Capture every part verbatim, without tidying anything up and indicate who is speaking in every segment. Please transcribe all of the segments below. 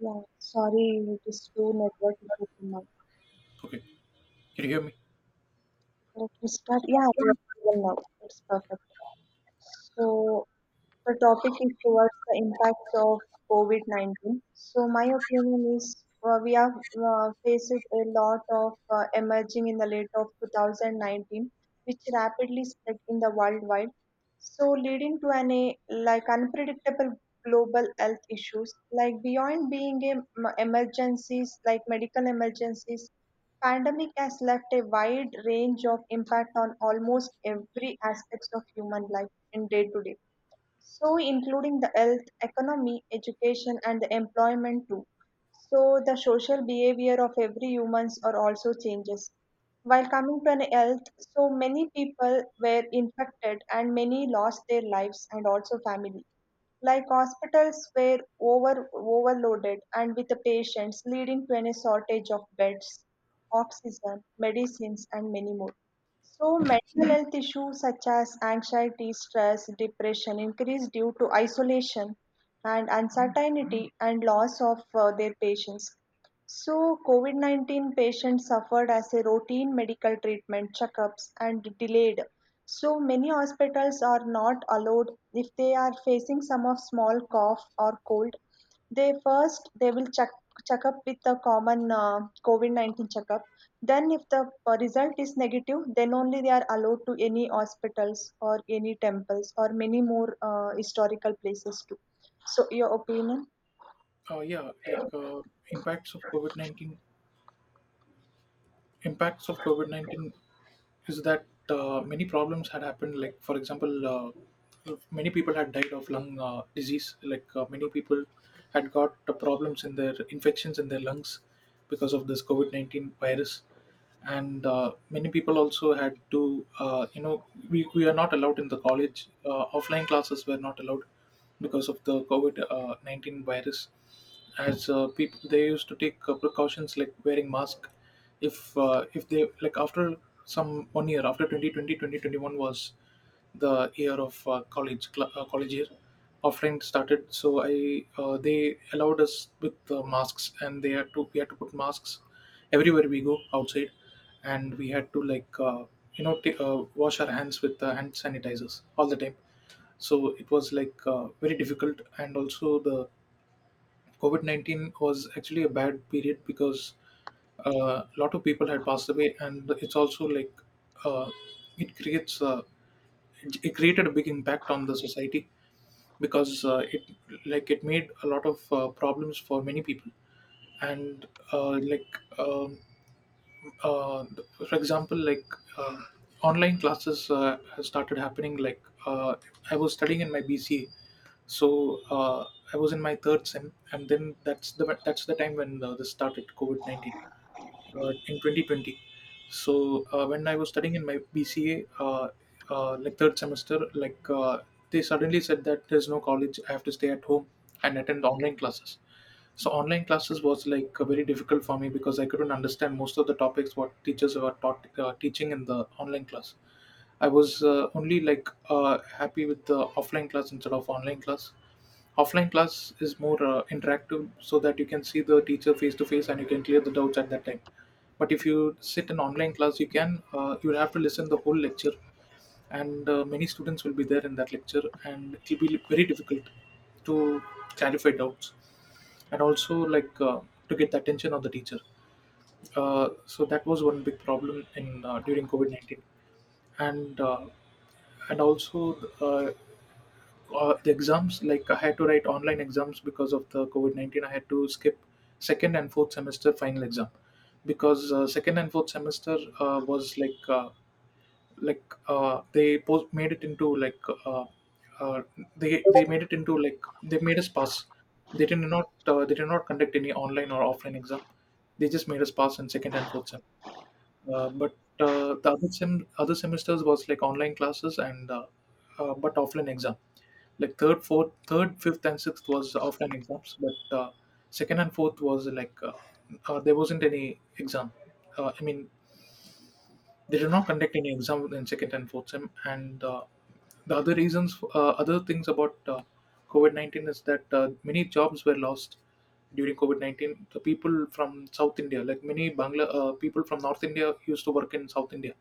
Speaker 1: Yeah, sorry, it is true network issue for now.
Speaker 2: Okay, can you hear me?
Speaker 1: Let me start. Yeah, we are even now. It's perfect. So The topic is towards the impacts of COVID nineteen. So my opinion is, uh, we have uh, faced a lot of uh, emerging in the late of twenty nineteen, which rapidly spread in the worldwide. So, leading to an a, like unpredictable global health issues, like beyond being a, m- emergencies, like medical emergencies, pandemic has left a wide range of impact on almost every aspects of human life in day to day, so including the health, economy, education, and the employment too. So the social behavior of every humans are also changes. While coming to an health, so many people were infected and many lost their lives and also family. Like hospitals were over overloaded and with the patients, leading to any shortage of beds, oxygen, medicines, and many more. So mental health issues such as anxiety, stress, depression increase due to isolation and uncertainty and loss of uh, their patients. So COVID nineteen patients suffered as a routine medical treatment checkups and delayed. So many hospitals are not allowed if they are facing some of small cough or cold. They first they will check check up with the common uh, COVID nineteen checkup. Then if the uh, result is negative, then only they are allowed to any hospitals or any temples or many more uh, historical places too. So your opinion?
Speaker 2: Uh, yeah, like uh, impacts of COVID nineteen. Impacts of COVID nineteen is that uh, many problems had happened. Like, for example, uh, many people had died of lung uh, disease. Like uh, many people had got uh, problems in their infections in their lungs because of this COVID nineteen virus. And uh, many people also had to uh, you know we, we are not allowed in the college. Uh, offline classes were not allowed because of the covid nineteen virus, as uh, people they used to take uh, precautions like wearing mask. If uh, if they, like, after some one year, after twenty twenty, twenty twenty-one was the year of uh, college cl- uh, college year offline started, so I uh, they allowed us with uh, masks, and they had to we had to put masks everywhere we go outside. And we had to, like, uh, you know t- uh, wash our hands with uh, hand sanitizers all the time. So it was like uh, very difficult. And also, the covid nineteen was actually a bad period because a lot of people had passed away. And it's also like, uh, it creates uh, it created a big impact on the society because uh, it, like it made a lot of uh, problems for many people. And uh, like um, uh, for example, like, um online classes uh, has started happening. Like, uh, I was studying in my BCA. So uh, I was in my third sem, and then that's the that's the time when uh, this started covid nineteen uh, in twenty twenty. So uh, when I was studying in my B C A, uh, uh, like third semester, like, uh, they suddenly said that there's no college. I have to stay at home and attend online classes. So online classes was like uh, very difficult for me because I couldn't understand most of the topics what teachers were taught uh, teaching in the online class. I was uh, only, like, uh, happy with the offline class instead of online class. Offline class is more uh, interactive so that you can see the teacher face to face and you can clear the doubts at that time. But if you sit in online class, you can uh, you will have to listen the whole lecture, and uh, many students will be there in that lecture, and it will be very difficult to clarify doubts and also, like, uh, to get the attention of the teacher. Uh, so that was one big problem in uh, during COVID nineteen. And uh, and also, uh, uh, the exams, like, I had to write online exams. Because of the covid nineteen, I had to skip second and fourth semester final exam because uh, second and fourth semester uh, was like uh, like uh, they post- made it into, like, uh, uh, they they made it into, like, they made us pass. They did not uh, they did not conduct any online or offline exam. They just made us pass in second and fourth sem. Uh, but uh, the other sem- other semesters was like online classes, and uh, uh, but offline exam. Like third, fourth, third, fifth, and sixth was offline exams, but uh, second and fourth was like uh, uh, there wasn't any exam. Uh, I mean, they do not conduct any exam in second and fourth sem. And uh, the other reasons, uh, other things about uh, COVID nineteen is that uh, many jobs were lost during COVID nineteen. The people from South India, like many Bangla uh, people from North India, used to work in South India,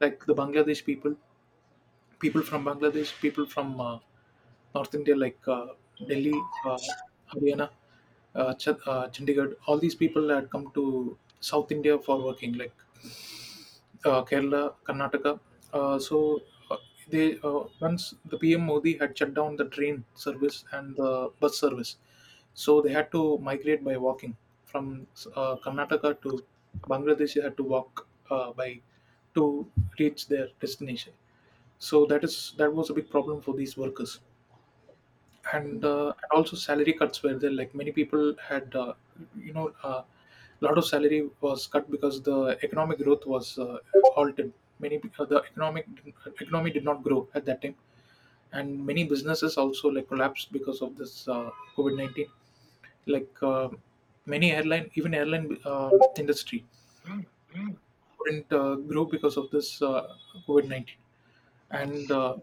Speaker 2: like the Bangladesh people, people from Bangladesh, people from uh, North India, like uh, Delhi, uh, Haryana, uh, Ch- uh, Chandigarh. All these people had come to South India for working, like uh, Kerala, Karnataka. Uh, so uh, they uh, once the P M Modi had shut down the train service and the bus service, so they had to migrate by walking from uh, Karnataka to Bangladesh. They had to walk uh, by to reach their destination. So that is that was a big problem for these workers. And, uh, and also, salary cuts were there. Like, many people had, uh, you know, uh, a lot of salary was cut because the economic growth was uh, halted. Many pe- uh, the economic economy did not grow at that time, and many businesses also like collapsed because of this uh, COVID nineteen. Like uh, many airline, even airline uh, industry couldn't uh, grow because of this uh, COVID nineteen. and uh,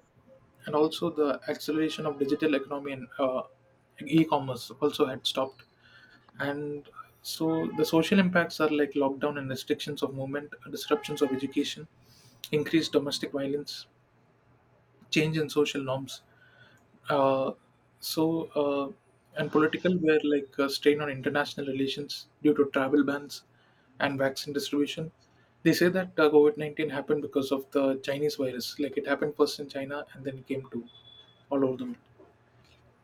Speaker 2: and also the acceleration of digital economy and uh, e-commerce also had stopped. And so the social impacts are like lockdown and restrictions of movement, disruptions of education, increased domestic violence, change in social norms. uh, so, uh, and political were like a strain on international relations due to travel bans and vaccine distribution. They say that uh, covid nineteen happened because of the chinese virus, like it happened first in china and then came to all over the world.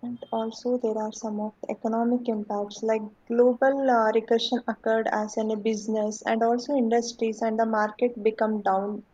Speaker 1: And also there are some of the economic impacts like global uh, recession occurred as in a business and also industries and the market become down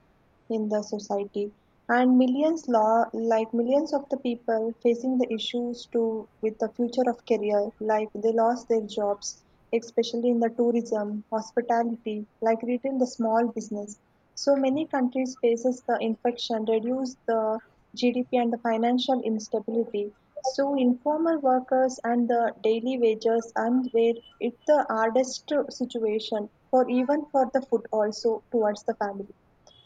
Speaker 1: in the society, and millions law like millions of the people facing the issues to with the future of career, like they lost their jobs, especially in the tourism hospitality like retail, the small business. So many countries faces the infection, reduce the G D P and the financial instability. So informal workers and the daily wages, and where it's the hardest situation for even for the food also towards the family,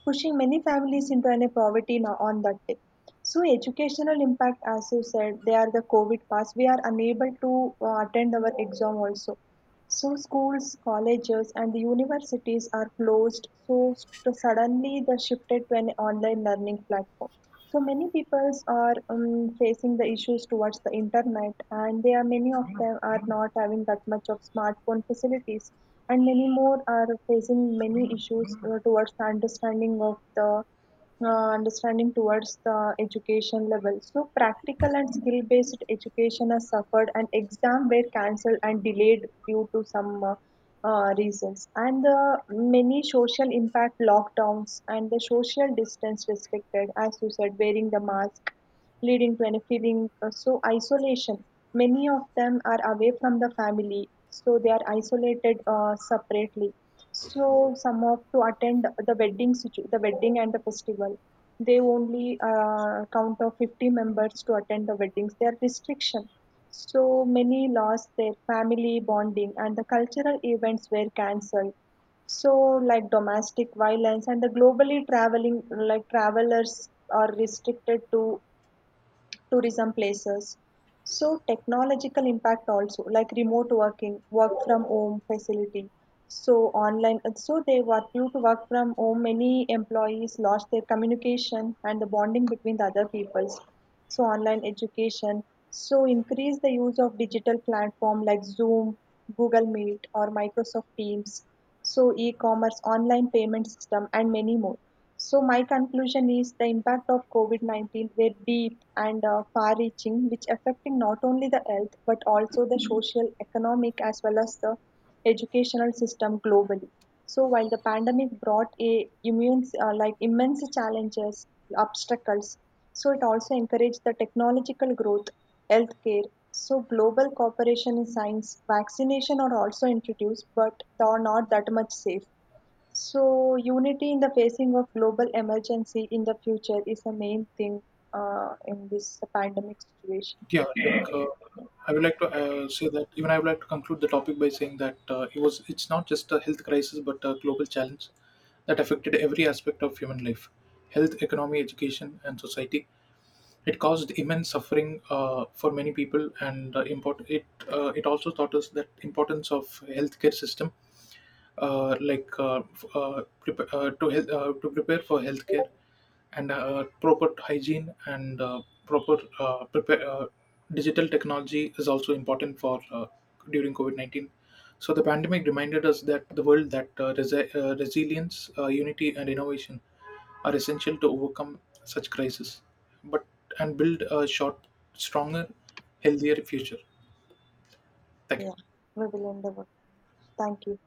Speaker 1: pushing many families into an poverty now on that day. So educational impact, as you said, they are the COVID pass. We are unable to uh, attend our exam also. So schools, colleges, and the universities are closed. So st- suddenly they shifted to an online learning platform. So many people are um, facing the issues towards the internet, and they are many of them are not having that much of smartphone facilities, and many more are facing many issues uh, towards the understanding of the uh, understanding towards the education level. So practical and skill based education has suffered and exam were cancelled and delayed due to some uh, uh, reasons, and the many social impact lockdowns and the social distance restricted, as you said, wearing the mask, leading to any feeling uh, so isolation. Many of them are away from the family, so they are isolated uh, separately. So some of to attend the wedding, situ- the wedding and the festival, they only uh, count of fifty members to attend the weddings. There are restriction. So many lost their family bonding, and the cultural events were cancelled, so like domestic violence and the globally traveling, like travelers are restricted to tourism places. So technological impact also like remote working, work from home facility. So online, so they were due to work from home. Many employees lost their communication and the bonding between the other peoples. So online education. So increase the use of digital platform like Zoom, Google Meet, or Microsoft Teams. So e-commerce, online payment system, and many more. So my conclusion is the impact of COVID nineteen were deep and uh, far-reaching, which affecting not only the health but also the social, economic, as well as the educational system globally. So while the pandemic brought a immense, uh, like immense challenges, obstacles, so it also encouraged the technological growth, healthcare. So global cooperation in science, vaccination are also introduced, but they are not that much safe, so unity in the facing of global emergency in the future is the main thing uh, in this pandemic situation.
Speaker 2: Yeah, like uh, I would like to uh, say that, even I would like to conclude the topic by saying that uh, it was it's not just a health crisis but a global challenge that affected every aspect of human life: health, economy, education, and society. It caused immense suffering uh, for many people, and uh, import- it uh, it also taught us that importance of healthcare system, uh, like uh, f- uh, prep- uh, to health, uh, to prepare for healthcare, and uh, proper hygiene, and uh, proper uh, prepare, uh, digital technology is also important for uh, during COVID nineteen. So the pandemic reminded us that the world that uh, resi- uh, resilience, uh, unity, and innovation are essential to overcome such crises, but and build a short, stronger, healthier future. Thank you.
Speaker 1: Yeah, we will end the podcast. Thank you.